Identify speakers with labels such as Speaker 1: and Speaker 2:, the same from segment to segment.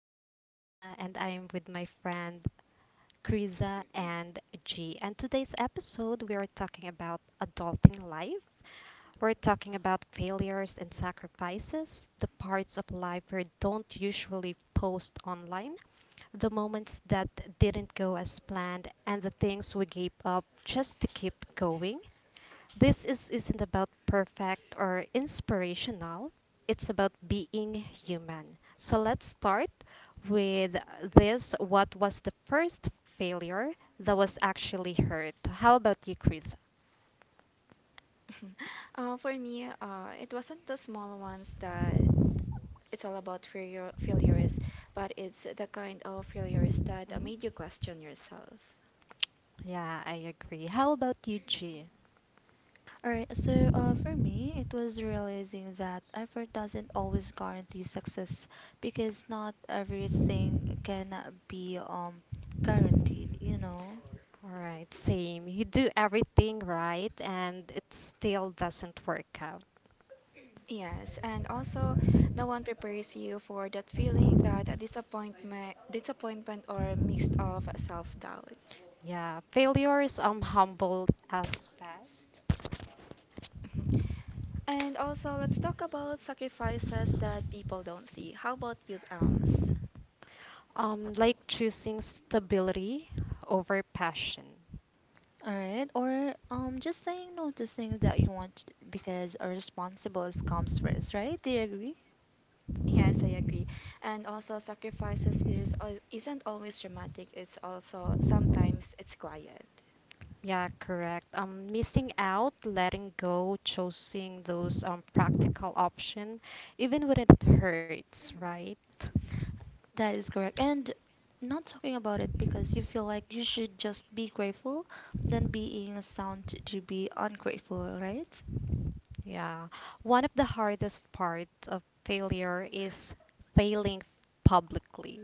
Speaker 1: host, Alma, and I am with my friend Kriza and G. And today's episode, we are talking about adulting life. We're talking about failures and sacrifices, the parts of life we don't usually post online, the moments that didn't go as planned, and the things we gave up just to keep going. This isn't about perfect or inspirational. It's about being human. So let's start with this. What was the first failure that was actually hurt? How about you, Chris?
Speaker 2: For me, it wasn't the small ones that it's all about failures, but it's the kind of failures that
Speaker 1: Mhm.
Speaker 2: made you question yourself.
Speaker 1: Yeah, I agree. How about you, G?
Speaker 3: All right, so for me, it was realizing that effort doesn't always guarantee success because not everything can be guaranteed.
Speaker 1: All right, same. You do everything right and it still doesn't work out.
Speaker 2: Yes, and also no one prepares you for that feeling that disappointment or mixed of self-doubt.
Speaker 1: Yeah, failures humble us fast.
Speaker 2: Mhm. And also, let's talk about sacrifices that people don't see. How about you, Alms?
Speaker 1: Like choosing stability over passion.
Speaker 3: All right, or just saying no to things that you want because a responsible comes first, right? Do you agree?
Speaker 2: Yes, I agree. And also, sacrifices isn't always dramatic. It's also sometimes it's quiet.
Speaker 1: Yeah, correct. Missing out, letting go, choosing those practical option, even when it hurts, right?
Speaker 3: That is correct. And not talking about it because you feel like you should just be grateful than being sound to be ungrateful, right?
Speaker 1: Yeah. One of the hardest parts of failure is failing publicly.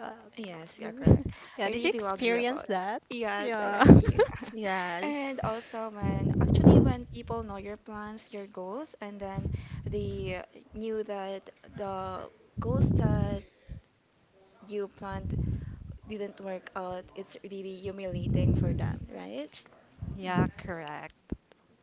Speaker 1: Uh,
Speaker 2: Yes, you're correct. I
Speaker 1: yeah, did
Speaker 2: really
Speaker 1: you
Speaker 2: do agree
Speaker 1: experience
Speaker 2: about.
Speaker 1: that?
Speaker 2: Yes, I agree. And
Speaker 3: Yes.
Speaker 2: also, when people know your plans, your goals, and then they knew that the goals that you planned didn't work out, it's really humiliating for them, right?
Speaker 1: Yeah, correct.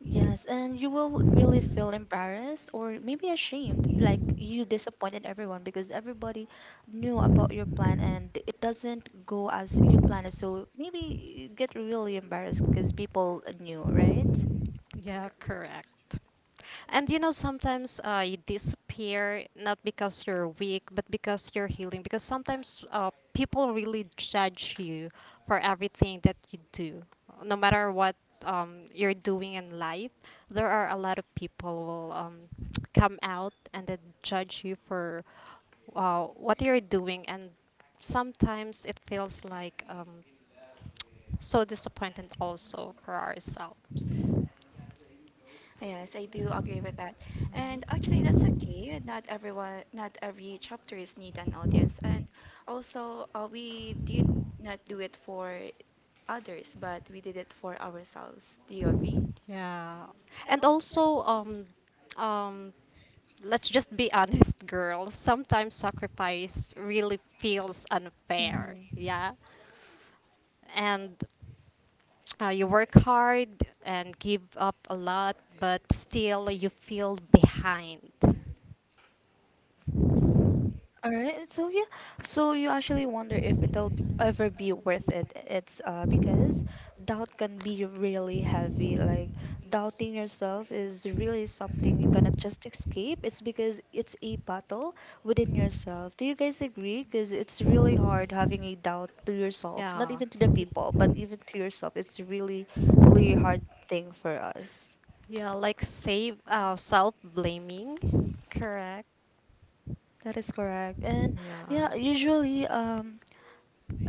Speaker 3: Yes, and you will really feel embarrassed or maybe ashamed, like you disappointed everyone because everybody knew about your plan and it doesn't go as you planned it. So maybe you get really embarrassed because people knew, right?
Speaker 1: Yeah, correct. And you know, sometimes you disappear not because you're weak, but because you're healing. Because sometimes people really judge you for everything that you do, no matter what you're doing in life. There are a lot of people will come out and then judge you for what you're doing, and sometimes it feels like so disappointed also for ourselves.
Speaker 2: Yes, I do agree with that. And actually, that's
Speaker 1: Mhm.
Speaker 2: okay. Not everyone, not every chapters need an audience. And also, we did not do it for others, but we did it for ourselves. Do you agree?
Speaker 1: Yeah. And also um let's just be honest, girls. Sometimes sacrifice really feels unfair.
Speaker 3: Mm-hmm.
Speaker 1: Yeah. And you work hard and give up a lot, but still you feel behind.
Speaker 3: All right. So yeah, so you actually wonder if it'll be, ever be worth it. It's because doubt can be really heavy. Like doubting yourself is really something you cannot just escape. It's because it's a battle within yourself. Do you guys agree? Because it's really hard having a doubt to yourself, not
Speaker 1: Yeah.
Speaker 3: even to the people, but
Speaker 1: Admitting,
Speaker 3: even to yourself. It's really, really hard thing for us.
Speaker 1: yeah, like save self blaming. Correct.
Speaker 3: That is correct. And
Speaker 1: Yeah.
Speaker 3: yeah, usually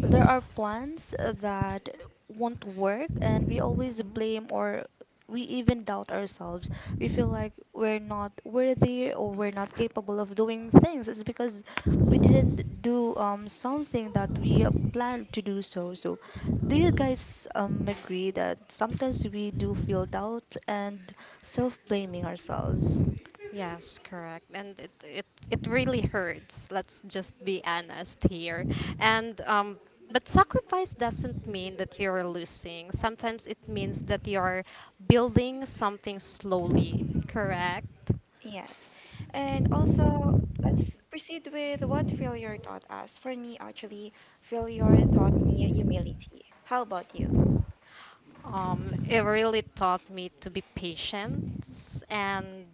Speaker 3: there are plans that won't work, and we
Speaker 1: Mhm.
Speaker 3: always blame or we even doubt ourselves. We feel like we're not worthy or we're not capable of doing things. It's because we didn't do something that we planned to do. So do you guys agree that sometimes we do feel doubt and self-blaming ourselves?
Speaker 1: Yes, correct. And it really hurts. Let's just be honest here. And but sacrifice doesn't mean that you're losing. Sometimes it means that you're building something slowly, correct?
Speaker 2: Yes. And also, let's proceed with what failure taught us. For me, actually, failure taught me humility. How about you?
Speaker 1: It really taught me to be patient and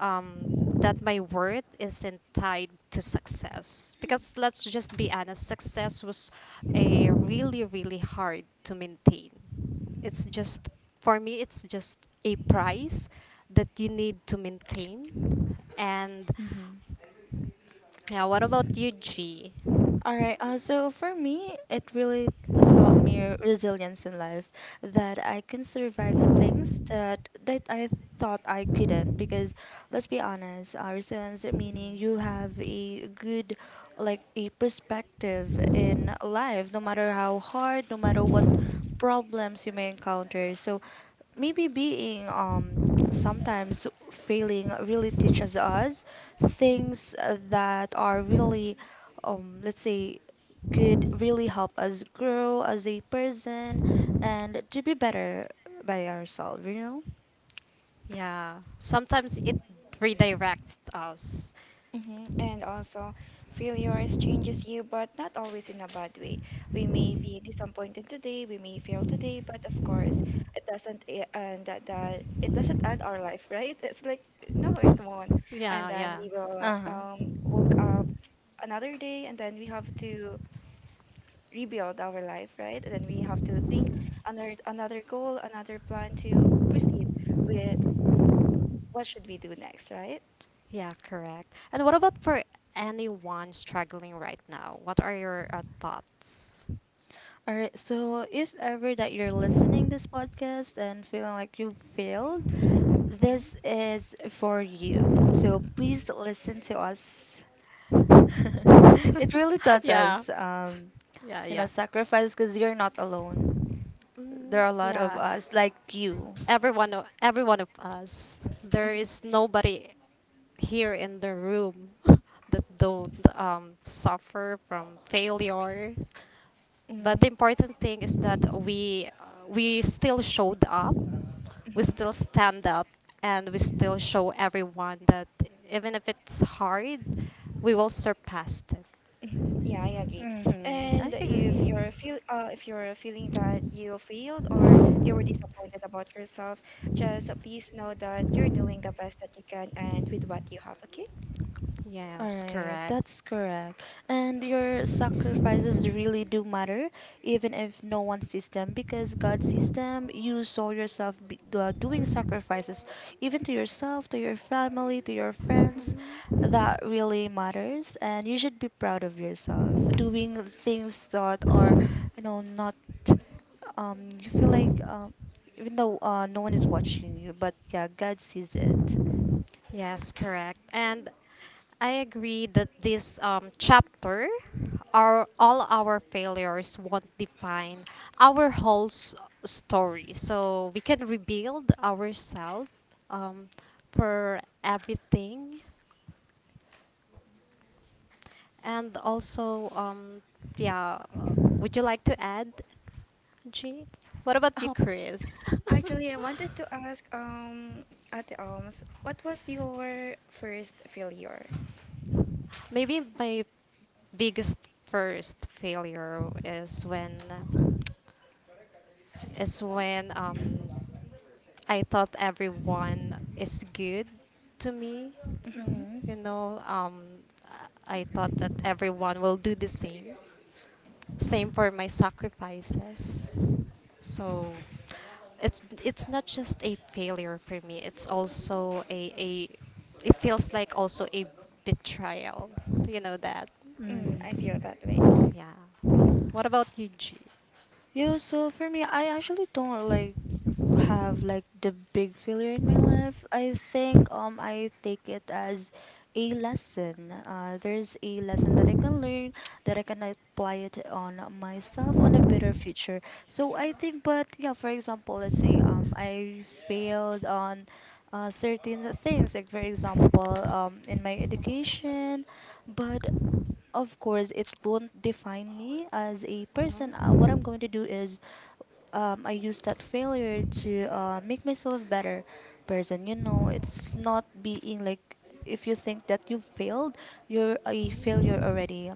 Speaker 1: um, that my worth isn't tied to success. Because let's just be honest, success was a really, really hard to maintain. It's just, for me, it's just a price that you need to maintain. And
Speaker 3: hmm
Speaker 1: now, what about you, G?
Speaker 3: All right. So for me, it really taught me resilience in life that I can survive things that I thought I couldn't. Because let's be honest, resilience meaning you have a good, like a perspective in life, no matter how hard, no matter what problems you may encounter. So maybe being sometimes failing really teaches us things that are really let's say could really help us grow as a person and to be better by ourselves, you know?
Speaker 1: Yeah. Sometimes it redirects us.
Speaker 2: And also, failures changes you, but not always in a bad way. We may be disappointed today, we may fail today, but of course, it doesn't e- and that, that it doesn't end our life, right? It's like no, it won't. And
Speaker 1: Yeah,
Speaker 2: then
Speaker 1: yeah.
Speaker 2: we will
Speaker 3: Uh-huh.
Speaker 2: woke up another day, and then we have to rebuild our life, right? And then we have to think another goal, another plan to proceed with
Speaker 1: Mhm.
Speaker 2: what should we do next, right?
Speaker 1: Yeah, correct. And what about for anyone struggling right now? What are your thoughts?
Speaker 3: All right, so if ever that you're listening this podcast and feeling like you failed, this is for you. So please listen to us. It really does
Speaker 1: yeah.
Speaker 3: us,
Speaker 1: Yeah, yeah.
Speaker 3: sacrifice because you're not alone. There
Speaker 1: Mm,
Speaker 3: are a lot of
Speaker 1: yeah.
Speaker 3: us like you.
Speaker 1: Everyone, every one of us. There is
Speaker 2: hmm
Speaker 1: nobody here in the room that don't suffer from failure. But the
Speaker 2: hmm
Speaker 1: important thing is that we still showed up. We
Speaker 2: hmm
Speaker 1: still stand up, and we still show everyone that even if it's hard, we will surpass it.
Speaker 2: Mhm. Yeah, I
Speaker 1: Mhm.
Speaker 2: agree.
Speaker 3: hmm I
Speaker 2: And
Speaker 3: agree.
Speaker 2: if you're feel if you're feeling that you failed or you were disappointed about yourself, just please know that you're doing the best that you can and with what you have, okay?
Speaker 3: All
Speaker 1: Yes,
Speaker 3: right,
Speaker 1: correct.
Speaker 3: that's correct. And your sacrifices really do matter, even if no one sees them, because God sees them. You saw yourself be, doing sacrifices, even to yourself, to your family, to your friends.
Speaker 1: Mhm.
Speaker 3: That really matters, and you should be proud of yourself doing things that are not. You feel like even though no one is watching you, but yeah, God sees it.
Speaker 1: Yes, correct. And I agree that this chapter, our all our failures won't define our whole story. So we can rebuild ourselves um, for everything. And also, yeah, would you like to add, G? What about you,
Speaker 2: Oh,
Speaker 1: Chris?
Speaker 2: actually, I wanted to ask Ate Alms, what was your first failure?
Speaker 1: Maybe my biggest first failure is when I thought everyone is good to me.
Speaker 2: Mm-hmm.
Speaker 3: Mhm.
Speaker 1: You know, I thought that everyone will do the same. Same for my sacrifices. So it's not just a failure for me. It's also a, it feels like also a betrayal. You know that.
Speaker 2: Mm, I feel
Speaker 3: Mhm.
Speaker 2: that way.
Speaker 1: Yeah. What about you, G?
Speaker 3: Yeah, so for me, I actually don't like have like the big failure in my life. I think I take it as a lesson. There's a lesson that I can learn that I can apply it on myself on a better future. So I think, but yeah, for example, let's say I failed on certain things, like for example in my education, but of course, it won't define me as a person. What I'm going to do is I use that failure to make myself a better person. You know, it's not being like if you think that you failed, you're a failure already.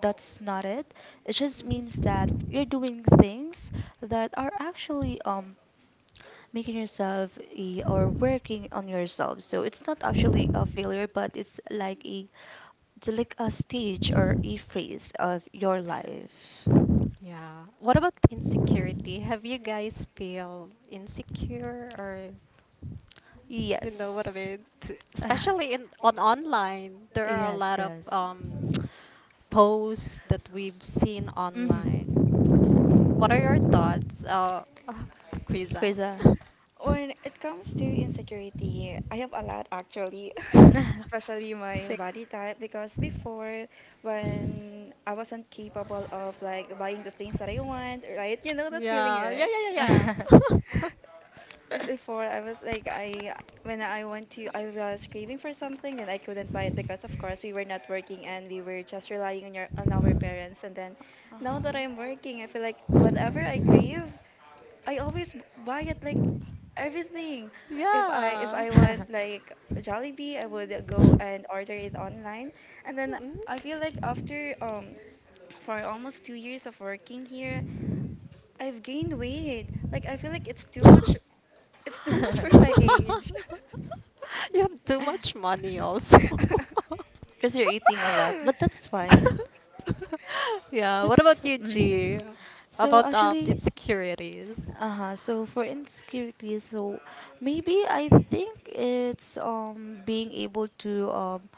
Speaker 3: That's not it. It just means that you're doing things that are actually making yourself a, or working on yourself. So it's not actually a failure, but it's like a stage or a phase of your life.
Speaker 1: Yeah. What about insecurity? Have you guys feel insecure or you know what I
Speaker 3: Yes.
Speaker 1: mean? Especially in on online, there are a
Speaker 3: Yes,
Speaker 1: lot of
Speaker 3: yes.
Speaker 1: posts that we've seen online.
Speaker 3: Mm-hmm.
Speaker 2: Mm.
Speaker 1: What are your thoughts, Kriza?
Speaker 3: Kriza.
Speaker 2: When it comes to insecurity, I have a lot actually, especially my
Speaker 3: Sick.
Speaker 2: body type because before when I wasn't capable of like buying the things that I want, right? You know that feeling,
Speaker 1: yeah, yeah,
Speaker 2: right?
Speaker 1: yeah, yeah, yeah.
Speaker 2: It's before I was like I when I went to I was craving for something and I couldn't buy it because of course we were not working and we were just relying on your on our parents, and then now that
Speaker 1: Mhm.
Speaker 2: I'm working, I feel like whatever I crave I always buy it, like everything. If
Speaker 1: Yeah.
Speaker 2: I want like Jollibee, I would go and order it online. And then
Speaker 1: Mhm.
Speaker 2: I feel like after for almost 2 years of working here, I've gained weight. Like I feel like it's too much. It's too much for my age.
Speaker 1: You have too much money also.
Speaker 3: Because you're eating a lot, but that's fine.
Speaker 1: Yeah, what
Speaker 3: That's.
Speaker 1: about you,
Speaker 3: Mhm.
Speaker 1: G?
Speaker 3: So
Speaker 1: About
Speaker 3: actually.
Speaker 1: insecurities.
Speaker 3: Uh-huh. So for insecurity, so maybe I think it's being able to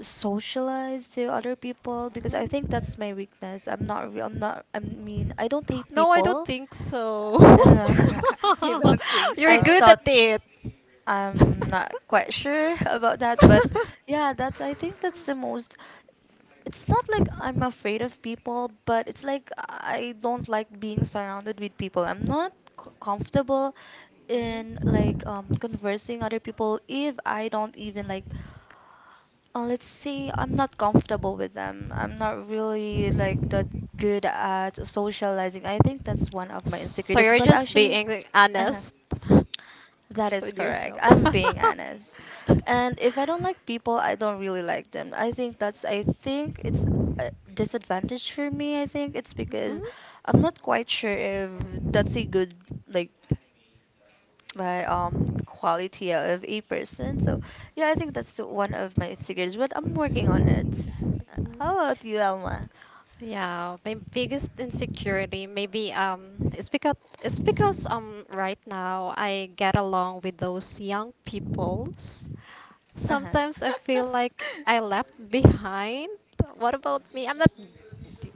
Speaker 3: socialize to other people because I
Speaker 1: Mhm.
Speaker 3: think that's my weakness. I'm not real, I'm not I mean, I don't hate
Speaker 1: No, I don't
Speaker 3: people,
Speaker 1: think so.
Speaker 3: uh,
Speaker 1: You're
Speaker 3: I
Speaker 1: good
Speaker 3: thought
Speaker 1: at it.
Speaker 3: I'm not quite sure about that, but yeah, that's I think that's the most. It's not like I'm afraid of people, but it's like I don't like being surrounded with people. I'm not comfortable in like
Speaker 1: Mhm.
Speaker 3: conversing other people if I don't even like let's see, I'm not comfortable with them. I'm not really like that good at socializing. I think that's one of my
Speaker 1: So
Speaker 3: insecurities.
Speaker 1: you're
Speaker 3: But
Speaker 1: just
Speaker 3: actually.
Speaker 1: being
Speaker 3: Uh-huh.
Speaker 1: honest
Speaker 3: That is
Speaker 1: with
Speaker 3: correct.
Speaker 1: yourself.
Speaker 3: I'm being honest. And if I don't like people, I don't really like them. I think that's I think it's a disadvantage for me. I think it's
Speaker 1: Mm?
Speaker 3: because
Speaker 1: Mm.
Speaker 3: I'm not quite sure if that's a good like like quality of a person. So yeah, I think that's one of my insecurities, but I'm working on it. How about you, Alma?
Speaker 1: Yeah, my biggest insecurity maybe it's because right now I get along with those young peoples.
Speaker 3: Uh-huh.
Speaker 1: Sometimes I feel like I left behind. What about me? I'm not,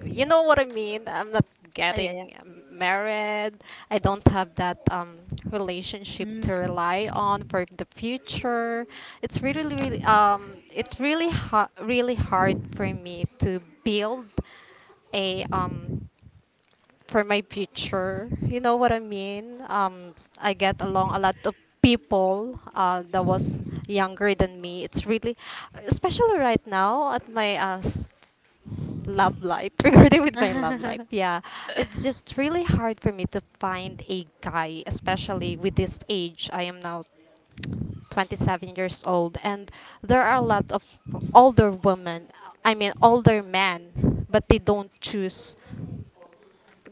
Speaker 1: you know what I mean? I'm not
Speaker 3: Oh, yeah,
Speaker 1: getting married. I don't have that relationship
Speaker 3: yeah.
Speaker 1: to rely on for the future. It's really, really, it's really, really hard for me to build a for my future. You know what I mean? I get along a lot of people that was younger than me. It's really, especially right now at my love life, regarding with my love life.
Speaker 3: Mm.
Speaker 1: Yeah, it's just really hard for me to find a guy, especially with this age. I am now 27 years old, and there are a lot of older women, I mean older men, but they don't choose.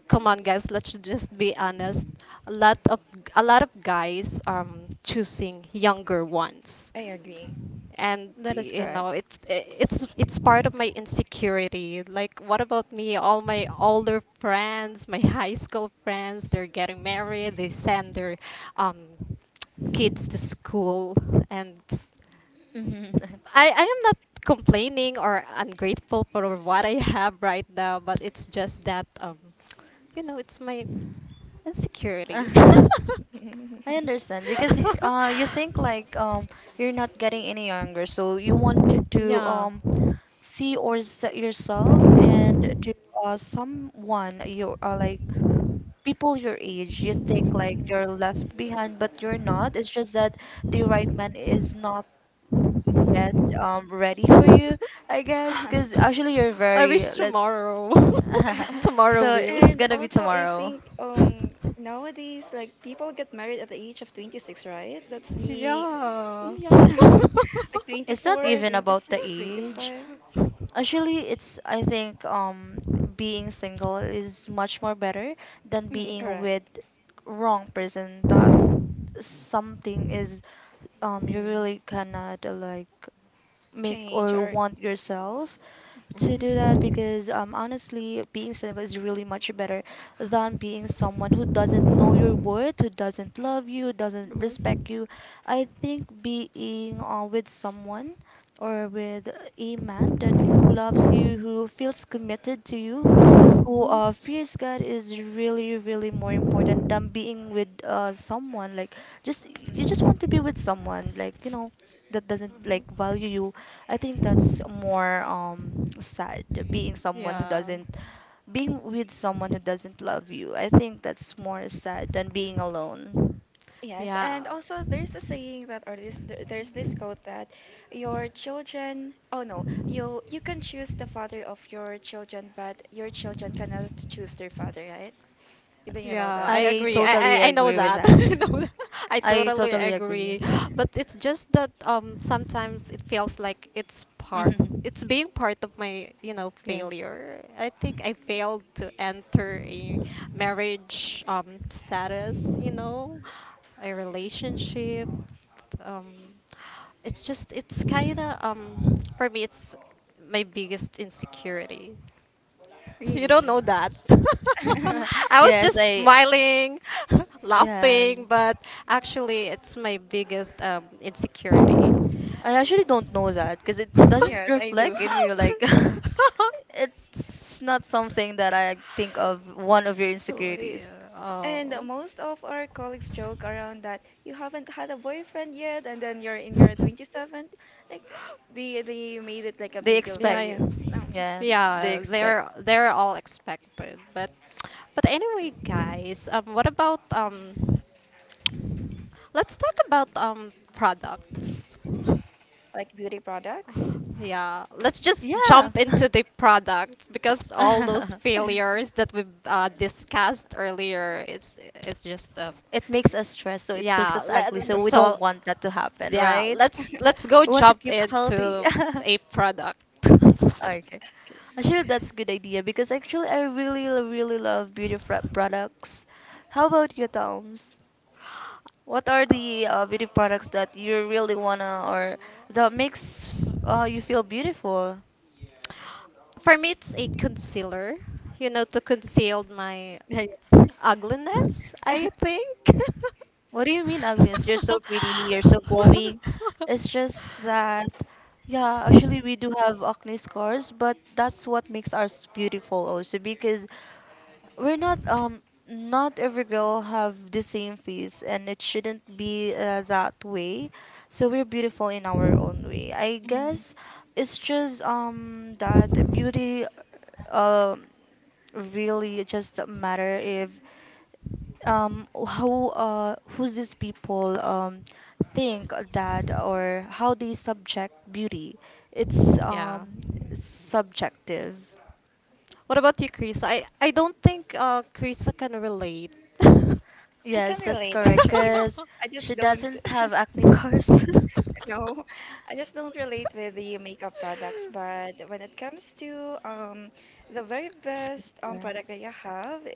Speaker 1: Come on guys, let's just be honest, a lot of a lot of guys choosing younger ones.
Speaker 2: I agree.
Speaker 1: And
Speaker 3: That is
Speaker 1: you
Speaker 3: correct.
Speaker 1: know, it's part of my insecurity. Like what about me? All my older friends, my high school friends, they're getting married, they send their um kids to school. And
Speaker 3: Mhm.
Speaker 1: I am not complaining or ungrateful for what I have right now, but it's just that you know it's my insecurity.
Speaker 3: I understand because you think like you're not getting any younger, so you want to
Speaker 1: yeah.
Speaker 3: see or set yourself and to someone you are like people your age. You think like you're left behind, but you're not. It's just that the right man is not yet ready for you, I guess. Because actually, you're
Speaker 1: I
Speaker 3: very
Speaker 1: wish
Speaker 3: let.
Speaker 1: tomorrow. Tomorrow
Speaker 3: So
Speaker 1: will.
Speaker 3: it's
Speaker 2: And
Speaker 3: gonna be
Speaker 2: also, I
Speaker 3: tomorrow.
Speaker 2: think nowadays, like people get married at the age of 26, right? That's the
Speaker 1: Yeah.
Speaker 2: yeah, like
Speaker 3: It's not
Speaker 2: 24,
Speaker 3: even about the
Speaker 2: 26,
Speaker 3: age.
Speaker 2: 25.
Speaker 3: Actually, it's I think being single is much more better than
Speaker 2: Mm,
Speaker 3: being with
Speaker 2: correct.
Speaker 3: wrong person. That something is you
Speaker 1: Mm.
Speaker 3: really cannot like make
Speaker 2: Change
Speaker 3: or
Speaker 2: or
Speaker 3: want yourself to do that
Speaker 1: Mhm.
Speaker 3: because honestly being single is really much better than being someone who
Speaker 1: Mhm.
Speaker 3: doesn't know your worth, who doesn't love you, who doesn't respect you. I think being with someone or with a man that who loves you, who feels committed to you,
Speaker 1: Mhm.
Speaker 3: who
Speaker 1: Mhm.
Speaker 3: fears God is really, really more important than being with someone. Like, just you just want to be with someone, like that doesn't like value you. I think that's more sad. Being someone who
Speaker 1: Yeah.
Speaker 3: doesn't, being with someone who doesn't love you. I think that's more sad than being alone.
Speaker 2: yes, and
Speaker 1: Yeah.
Speaker 2: also there's a saying that there's this quote that your children. Oh no, you can choose the father of your children, but your children cannot choose their father, right? Do you
Speaker 1: Yeah,
Speaker 2: know that?
Speaker 1: I
Speaker 2: That
Speaker 3: I
Speaker 1: agree.
Speaker 3: totally
Speaker 1: I know
Speaker 2: yeah.
Speaker 3: agree with
Speaker 1: that.
Speaker 3: that.
Speaker 1: I know that. I
Speaker 3: I
Speaker 1: totally
Speaker 3: totally agree.
Speaker 1: agree. But it's just that sometimes it feels like it's part,
Speaker 3: Mhm.
Speaker 1: it's being part of my, you know,
Speaker 3: Yes.
Speaker 1: failure. I think I failed to enter a marriage status, you know, a relationship. Um it's just it's kind of for me it's my biggest insecurity. You don't know
Speaker 2: Really.
Speaker 1: that. I was just
Speaker 3: Yes, I
Speaker 1: smiling,
Speaker 3: yes.
Speaker 1: laughing, but actually, it's my biggest insecurity.
Speaker 3: I actually don't know that because it doesn't
Speaker 2: Yes, I do.
Speaker 3: reflect in you like it's not something that I think of one of your
Speaker 1: Oh,
Speaker 3: insecurities.
Speaker 1: yeah.
Speaker 2: And
Speaker 1: Oh.
Speaker 2: most of our colleagues joke around that you haven't had a boyfriend yet, and then you're in your 27th. Like they made it like a
Speaker 3: They
Speaker 2: big deal for
Speaker 1: Yeah,
Speaker 3: expect.
Speaker 1: yeah.
Speaker 2: you. No,
Speaker 3: Yeah, they
Speaker 1: Yeah,
Speaker 3: expect.
Speaker 1: they're all expected. But anyway, guys, what about let's talk about products.
Speaker 2: like beauty products.
Speaker 1: Yeah, let's just
Speaker 3: Yeah.
Speaker 1: jump into the product because all those failures that we've discussed earlier, it's just
Speaker 3: It makes us stressed, so it makes
Speaker 1: yeah.
Speaker 3: us ugly,
Speaker 1: Let,
Speaker 3: so we don't
Speaker 1: so
Speaker 3: want that to happen,
Speaker 1: yeah,
Speaker 3: right?
Speaker 1: let's go
Speaker 3: We want to
Speaker 1: jump
Speaker 3: keep healthy.
Speaker 1: into a product.
Speaker 3: Okay.
Speaker 2: Okay.
Speaker 3: Actually, that's good idea because actually I really, really love beauty products. How about you, Toms? What are the beauty products that you really wanna or that makes you feel beautiful?
Speaker 1: For me, it's a concealer, you know, to conceal my
Speaker 3: Yeah, yeah.
Speaker 1: ugliness, I think.
Speaker 3: What do you mean, Agnes? You're so pretty, you're so glowing. It's just that, yeah, actually we do have acne scars, but that's what makes us beautiful also because We're not not every girl have the same face and it shouldn't be that way. So we're beautiful in our own way. I
Speaker 2: Mm.
Speaker 3: guess it's just that beauty um really just matter if how who's these people think that or how they subject beauty. it's
Speaker 1: Yeah.
Speaker 3: um it's subjective.
Speaker 1: What about you, Krisa? I don't think Krisa can relate.
Speaker 2: I can
Speaker 3: Yes, that's
Speaker 2: relate
Speaker 3: correct.
Speaker 2: actually, but
Speaker 3: Cause
Speaker 2: I just
Speaker 3: she
Speaker 2: don't.
Speaker 3: doesn't have acne scars.
Speaker 2: No, I just don't relate with the makeup products, but when it comes to the very best
Speaker 3: Skincare.
Speaker 2: product that I have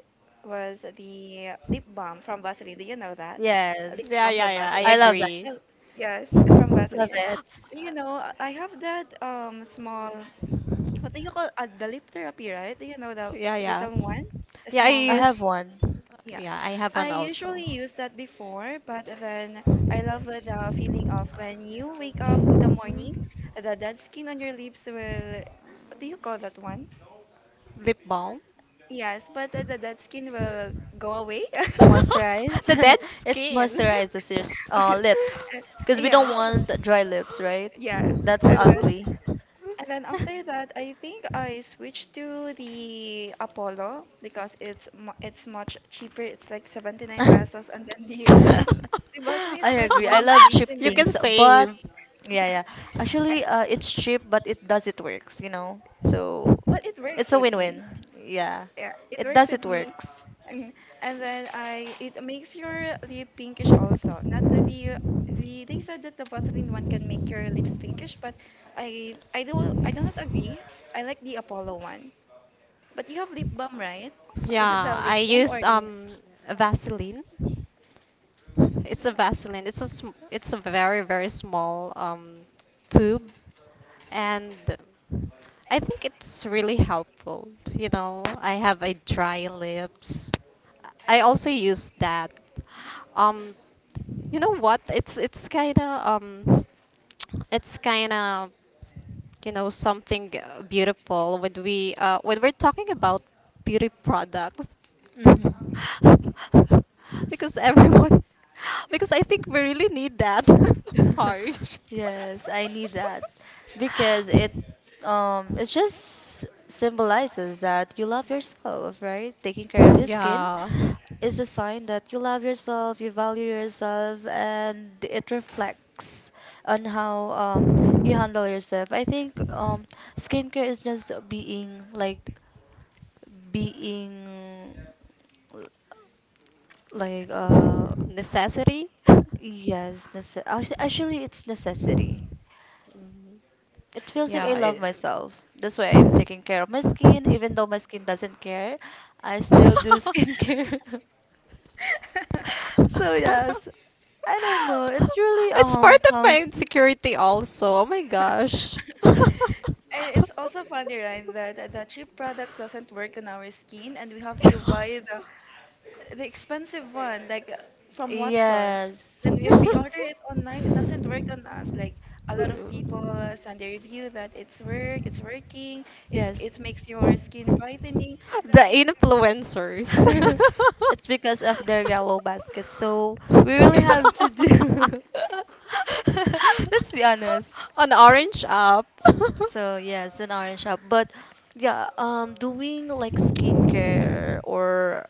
Speaker 2: was the lip balm from Vaseline. Do you know that? Lip
Speaker 3: Yes,
Speaker 1: Yeah,
Speaker 2: balm
Speaker 1: yeah,
Speaker 2: from
Speaker 1: yeah. I
Speaker 2: Vaseline.
Speaker 3: I love that.
Speaker 1: agree.
Speaker 2: And- Yes, from
Speaker 3: Love
Speaker 2: Vaseline. And
Speaker 3: it.
Speaker 2: then, you know, I have that small, what do you call the lip therapy, right? Do you know the
Speaker 1: Yeah, yeah.
Speaker 2: little one? The
Speaker 1: Yeah, I
Speaker 2: small
Speaker 3: I
Speaker 2: one?
Speaker 3: have
Speaker 1: use.
Speaker 3: one.
Speaker 2: Yes,
Speaker 1: Yeah, I have
Speaker 2: I
Speaker 1: one also.
Speaker 2: usually use that before, but then I love the feeling of when you wake up the
Speaker 1: Mhm.
Speaker 2: morning, the dead skin on your lips will, what do you call that one?
Speaker 1: Lip balm.
Speaker 2: Yes, but the dead skin will go away.
Speaker 3: Moisturize.
Speaker 1: The dead
Speaker 3: It
Speaker 1: skin.
Speaker 3: moisturizes your lips. Cause we don't
Speaker 2: Yes, but
Speaker 3: want dry lips, right?
Speaker 2: yes,
Speaker 3: That's
Speaker 2: and then
Speaker 3: ugly.
Speaker 2: and then after that, I think I switched to the Apollo because it's much cheaper. It's like 79 pesos and then the the bus
Speaker 3: I
Speaker 2: is like
Speaker 3: agree. I love cheap
Speaker 1: You
Speaker 2: 129.
Speaker 1: can
Speaker 3: things, but
Speaker 1: save.
Speaker 3: yeah,
Speaker 2: Yeah.
Speaker 3: yeah.
Speaker 2: Eh,
Speaker 3: Actually, it's cheap, but it does it works. So
Speaker 2: but it
Speaker 3: it's
Speaker 2: works
Speaker 3: a
Speaker 2: with me.
Speaker 3: win-win. Yeah,
Speaker 2: Yeah, it
Speaker 3: it
Speaker 2: works
Speaker 3: does
Speaker 2: with
Speaker 3: it
Speaker 2: me.
Speaker 3: works.
Speaker 2: And and then I it makes your lip pinkish also. Not that the they said that the Vaseline one can make your lips pinkish, but I do not agree. I like the Apollo one. But you have lip balm, right?
Speaker 3: Uh,
Speaker 2: Is it the
Speaker 1: Yeah,
Speaker 2: lip
Speaker 1: I
Speaker 2: balm or
Speaker 1: used
Speaker 2: the?
Speaker 1: Vaseline. It's a Vaseline. It's a very very small tube, and I think it's really helpful. You know, I have a dry lips. I also use that. Um, you know what? It's kind of you know something beautiful when we when we're talking about beauty products.
Speaker 3: mhm.
Speaker 1: Because everyone because I think we really need that harsh,
Speaker 3: Yes, I need that because it just symbolizes that you love yourself, right? Taking care of your skin
Speaker 1: yeah,
Speaker 3: is a sign that you love yourself, you value yourself, and it reflects on how you handle yourself. I think skincare is just being like being like uh
Speaker 1: necessity. Mhm.
Speaker 3: yes, actually it's necessity. It feels like
Speaker 1: Yeah,
Speaker 3: I love myself. That's why I'm taking care of my skin. Even though my skin doesn't care, I still do skincare. So yes, I don't know. It really
Speaker 1: it's part of my
Speaker 3: comes.
Speaker 1: insecurity also, oh my gosh.
Speaker 2: And it's also funny, right, that the cheap products doesn't work on our skin, and we have to buy the expensive one, like from Watsons.
Speaker 3: Yes.
Speaker 2: Then if we
Speaker 1: The
Speaker 2: order it online, it doesn't work on us. Like a lot of people send a review that it's working,
Speaker 3: Yes.
Speaker 2: it makes your skin brightening.
Speaker 1: influencers.
Speaker 3: It's because of their yellow basket. So we really
Speaker 2: Yeah,
Speaker 3: have to do. Let's be honest.
Speaker 1: On Orange App.
Speaker 3: So yes, an orange shop. But yeah, doing like skincare or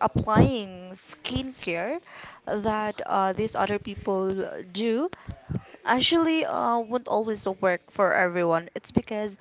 Speaker 3: applying skincare that these other people do, actually, won't always work for everyone. It's because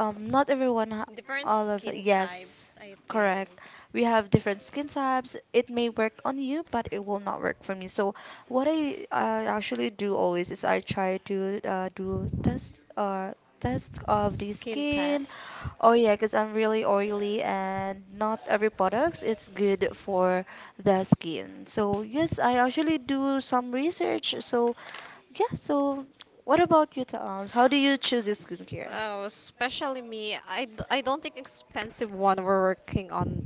Speaker 3: not everyone,
Speaker 1: Has different
Speaker 3: all of
Speaker 1: skin
Speaker 3: yes,
Speaker 1: types, I think.
Speaker 3: correct. We have different skin types. It may work on you, but it will not work for me. So what I actually do always is I try to do tests of the
Speaker 1: Skin
Speaker 3: skin.
Speaker 1: test.
Speaker 3: Oh yeah, because I'm really oily and not every products it's good for the skin. So yes, I actually do some research. So yeah, so what about you, Taams? How do you choose your skincare?
Speaker 1: Oh, especially me. I don't think expensive one were working on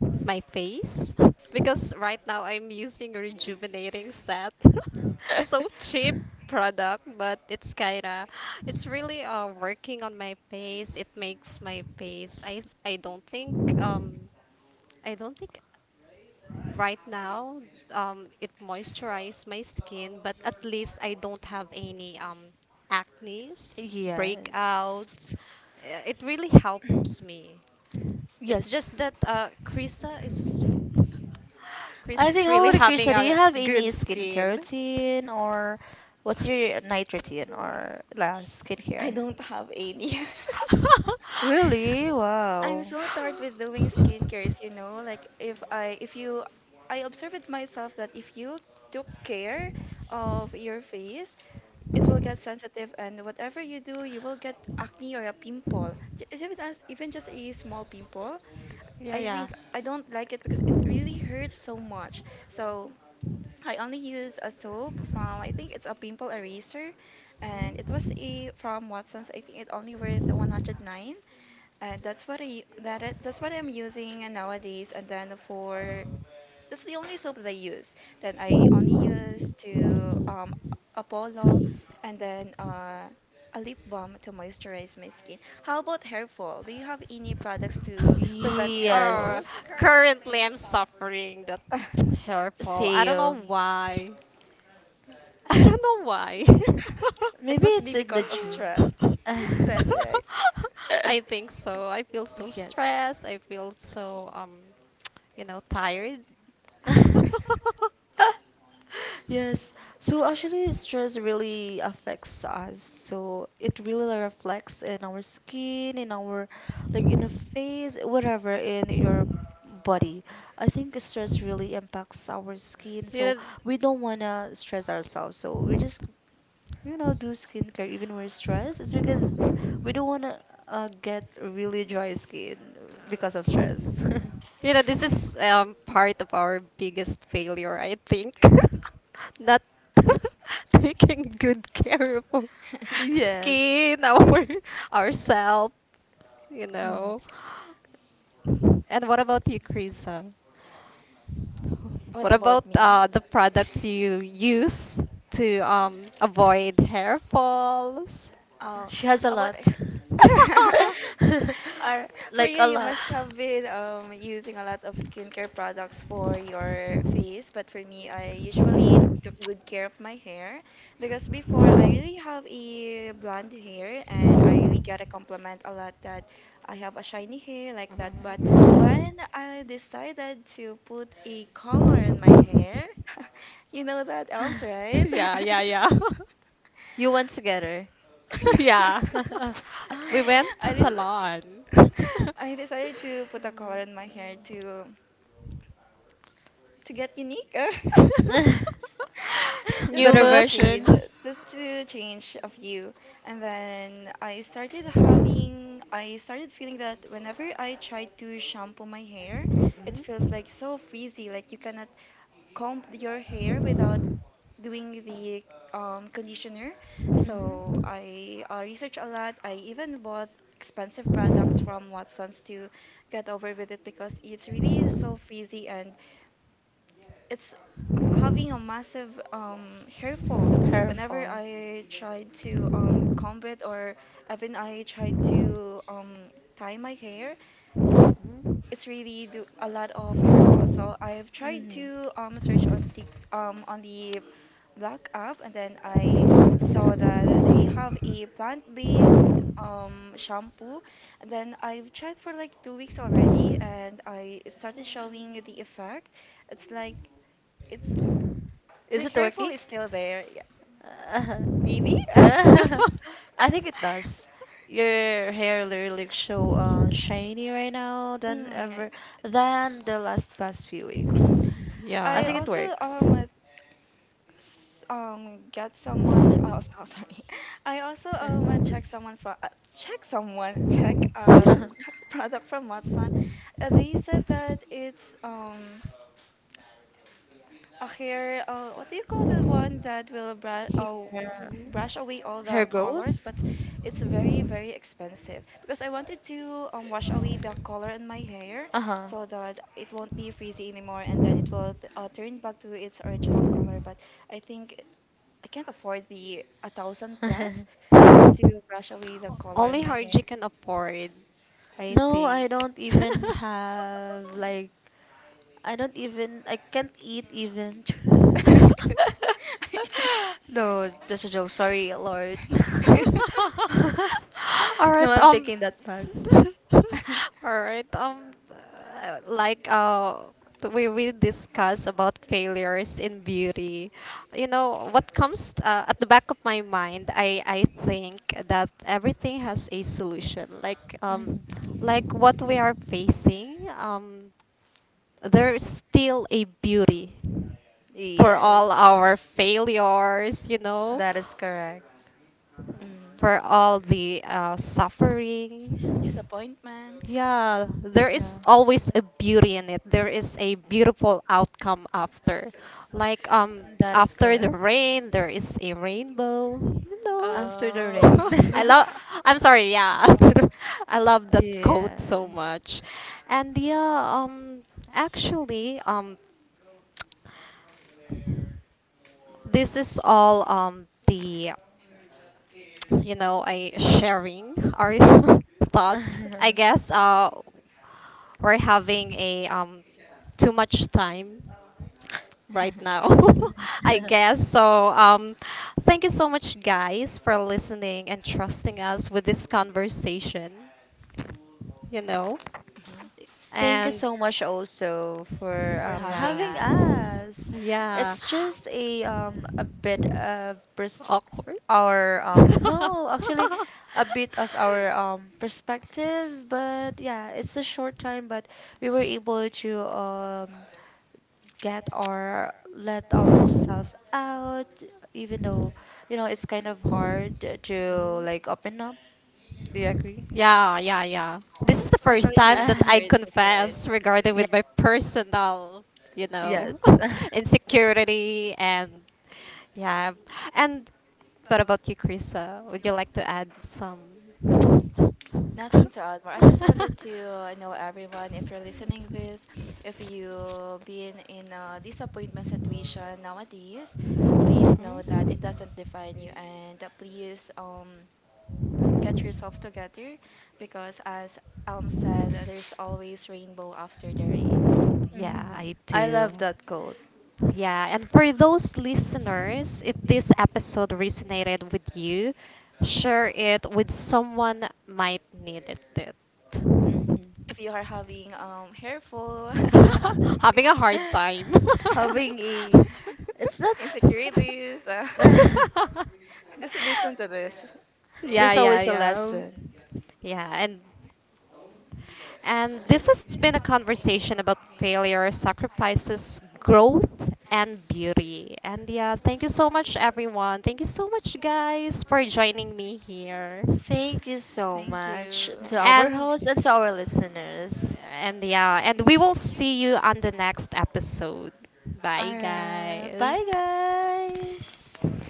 Speaker 1: my face because right now I'm using a rejuvenating set. So cheap product, but it's kinda, it's really working on my face. It makes my face. I don't think right now, it moisturizes my skin, but at least I don't have any acnes, breakouts.
Speaker 3: Yes.
Speaker 1: It really helps me. It's
Speaker 3: Yes.
Speaker 1: just that Krisa is Krisa
Speaker 3: I
Speaker 1: is
Speaker 3: think how
Speaker 1: really
Speaker 3: about
Speaker 1: having
Speaker 3: Krista? Do you
Speaker 1: a
Speaker 3: have any
Speaker 1: good
Speaker 3: skincare
Speaker 1: skin.
Speaker 3: routine or what's your night routine or last
Speaker 2: I
Speaker 3: skincare?
Speaker 2: don't have any.
Speaker 3: Really?
Speaker 2: I'm
Speaker 3: Wow.
Speaker 2: so tired with doing skincares, you know, like if you I observe it myself that if you took care of your face, it will get sensitive and whatever you do, you will get acne or a pimple. Is it as even just a small pimple?
Speaker 1: Yeah,
Speaker 2: I
Speaker 1: yeah.
Speaker 2: think I don't like it because it really hurts so much. So I only use a soap from I think it's a pimple eraser and it was
Speaker 1: Mhm.
Speaker 2: a from Watson's. I think it only worth 109 and that's what I'm using nowadays. And then for that's the only soap that I use. Then I only use to Apollo, and then a lip balm to moisturize my skin. How about hair fall? Do you have any products to prevent hair
Speaker 1: Or
Speaker 2: falls?
Speaker 3: Yes.
Speaker 1: currently I'm suffering that hair fall. I don't know
Speaker 3: Same.
Speaker 1: why. I don't know why.
Speaker 2: It
Speaker 3: Maybe
Speaker 2: must
Speaker 3: it's
Speaker 2: be
Speaker 3: in the
Speaker 2: because of stress.
Speaker 3: genes.
Speaker 2: Stress, right?
Speaker 1: I think so. I feel so
Speaker 3: Yes.
Speaker 1: stressed. I feel so you know, tired.
Speaker 3: Yes. So actually, stress really affects us. So it really reflects in our skin, in our like in the face, whatever, in your body. I think stress really impacts our skin. So
Speaker 1: You
Speaker 3: we don't wanna stress ourselves. So we just do skincare even we're stressed. It's because we don't wanna get really dry skin because of
Speaker 1: know,
Speaker 3: stress.
Speaker 1: you know, this is part of our biggest failure, I think. Not taking good care of our
Speaker 3: Yes.
Speaker 1: skin, our ourselves, you
Speaker 3: Mm.
Speaker 1: know. And what about you, Krisa?
Speaker 2: What
Speaker 1: What
Speaker 2: about
Speaker 1: about
Speaker 2: me?
Speaker 1: the products you use to avoid hair falls?
Speaker 2: Oh,
Speaker 3: She has a
Speaker 2: about
Speaker 3: lot.
Speaker 2: or for
Speaker 3: Like
Speaker 2: you,
Speaker 3: a
Speaker 2: you
Speaker 3: lot.
Speaker 2: must have been using a lot of skincare products for your face. But for me, I usually
Speaker 1: Mhm.
Speaker 2: took good care of my hair because before I really have a blonde hair and I really get a compliment a lot that I have a shiny hair like that. But when I decided to put a color in my hair, you know that elms, right?
Speaker 1: Yeah, yeah, yeah.
Speaker 3: You went together.
Speaker 2: Yeah.
Speaker 1: Yeah. We went to
Speaker 2: I did
Speaker 1: salon.
Speaker 2: I decided to put a color in my hair to get unique.
Speaker 1: New
Speaker 2: just
Speaker 3: Better
Speaker 2: to
Speaker 1: look.
Speaker 2: change
Speaker 3: version.
Speaker 2: just to change a view, and then I started feeling that whenever I try to shampoo my hair, it feels
Speaker 1: Mhm.
Speaker 2: like so frizzy, like you cannot comb your hair without doing the conditioner.
Speaker 3: Mhm.
Speaker 2: So
Speaker 1: Mhm.
Speaker 2: I researched a lot. I even bought expensive products from Watson's to get over with it because it's really so frizzy and it's having a massive hair fall
Speaker 3: Her
Speaker 2: whenever
Speaker 3: fall.
Speaker 2: I tried to comb it or even I tried to tie my hair.
Speaker 1: Mhm.
Speaker 2: It's really do a lot of hair fall. So I have tried
Speaker 3: Mhm.
Speaker 2: to search on the um on the black app, and then I saw that they have a plant-based shampoo. And then I've tried for like 2 weeks already, and I started showing the effect. It's like it's
Speaker 3: Is
Speaker 2: the
Speaker 3: it
Speaker 2: hair fall
Speaker 3: working?
Speaker 2: is still there. Yeah,
Speaker 3: Uh,
Speaker 2: maybe.
Speaker 3: I think it does. Your hair really show shiny right now than
Speaker 2: Mm,
Speaker 3: ever than the last past few
Speaker 2: mm.
Speaker 3: weeks. I
Speaker 2: I
Speaker 3: think
Speaker 1: Yeah.
Speaker 3: it
Speaker 2: also
Speaker 3: works.
Speaker 2: s- get someone oh oh, sorry. I also check someone for check someone check product from Watson. They said that it's a hair what do you call the one that will brush oh
Speaker 3: Here,
Speaker 1: Mhm.
Speaker 2: brush away all
Speaker 3: here
Speaker 2: the
Speaker 3: goes.
Speaker 2: colors, but it's very very expensive because I wanted to wash away the color in my hair
Speaker 3: Uh-huh.
Speaker 2: so that it won't be frizzy anymore and then it will turn back to its original color, but I think I can't afford the a thousand plus just to brush away the color in
Speaker 1: Only
Speaker 2: my hair.
Speaker 1: Harji can afford, I
Speaker 3: No, I
Speaker 1: think.
Speaker 3: don't even have like I don't even I can't eat even. No, that's a joke. Sorry, Lord.
Speaker 1: All
Speaker 3: No,
Speaker 1: right,
Speaker 3: I'm
Speaker 1: um.
Speaker 3: taking that back.
Speaker 1: All right. Like we discuss about failures in beauty. You know what comes at the back of my mind. I think that everything has a solution.
Speaker 3: Mhm.
Speaker 1: Like what we are facing. There is still a beauty for all
Speaker 3: Yes,
Speaker 1: our failures. You know,
Speaker 3: that is correct.
Speaker 2: Mm.
Speaker 1: for all the suffering.
Speaker 2: Disappointments.
Speaker 1: Yeah, there is
Speaker 3: Yeah,
Speaker 1: always a beauty in it. There is a beautiful outcome after. Like
Speaker 3: that is
Speaker 1: after the
Speaker 3: correct.
Speaker 1: rain, there is a rainbow, you know.
Speaker 3: After the
Speaker 2: Oh,
Speaker 3: rain.
Speaker 1: I love, I'm sorry, yeah. after the- I love that quote so
Speaker 3: Yes.
Speaker 1: much. And yeah, um actually this is all the you know, I sharing our thoughts. I guess we're having a too much time right now, I guess. So thank you so much, guys, for listening and trusting us with this conversation. You know.
Speaker 3: Thank you
Speaker 1: And
Speaker 3: so much also for
Speaker 2: for having
Speaker 1: yeah,
Speaker 3: having
Speaker 2: us,
Speaker 3: us.
Speaker 1: yeah,
Speaker 3: It's just a bit of pers-
Speaker 1: awkward.
Speaker 3: our no, actually, a bit of our perspective, but yeah, it's a short time, but we were able to get our let ourselves out, even though it's kind of hard to
Speaker 1: Mhm.
Speaker 3: like open up. Do you agree?
Speaker 1: Yeah, yeah, yeah. This is the first
Speaker 2: especially here
Speaker 1: time
Speaker 2: in
Speaker 1: that I
Speaker 3: Uh,
Speaker 2: securities, right?
Speaker 1: confess regarding
Speaker 3: yeah,
Speaker 1: with my personal, you know,
Speaker 3: yes.
Speaker 1: insecurity and yeah. And what about you, Krisa? Would you like to add some?
Speaker 2: Nothing to add more. I just wanted to know everyone if you're listening this, if you have been in a disappointment situation nowadays, please know that
Speaker 1: Mm?
Speaker 2: it doesn't define you and please get yourself together because as Elm said, there's always rainbow after the rain.
Speaker 1: Yeah,
Speaker 3: hmm
Speaker 1: I
Speaker 3: I love
Speaker 1: do.
Speaker 3: that quote.
Speaker 1: Yeah, and for those listeners, if this episode resonated with you, share it with someone might need it.
Speaker 3: hmm
Speaker 2: If you are having hair full
Speaker 1: Having a hard time.
Speaker 3: Having a, it's not,
Speaker 2: insecurities, just listen to this.
Speaker 1: Yeah,
Speaker 3: there's
Speaker 1: yeah,
Speaker 3: always a
Speaker 1: yeah.
Speaker 3: lesson.
Speaker 1: Yeah, and this has been a conversation about failure, sacrifices, growth, and beauty. And yeah, thank you so much, everyone. Thank you so much, guys, for joining me here.
Speaker 3: Thank you so
Speaker 2: Thank
Speaker 3: much
Speaker 2: you.
Speaker 3: to our
Speaker 1: And
Speaker 3: host and to our listeners.
Speaker 1: and yeah, and we will see you on the next episode. Bye,
Speaker 3: Alright,
Speaker 1: guys.
Speaker 3: bye guys.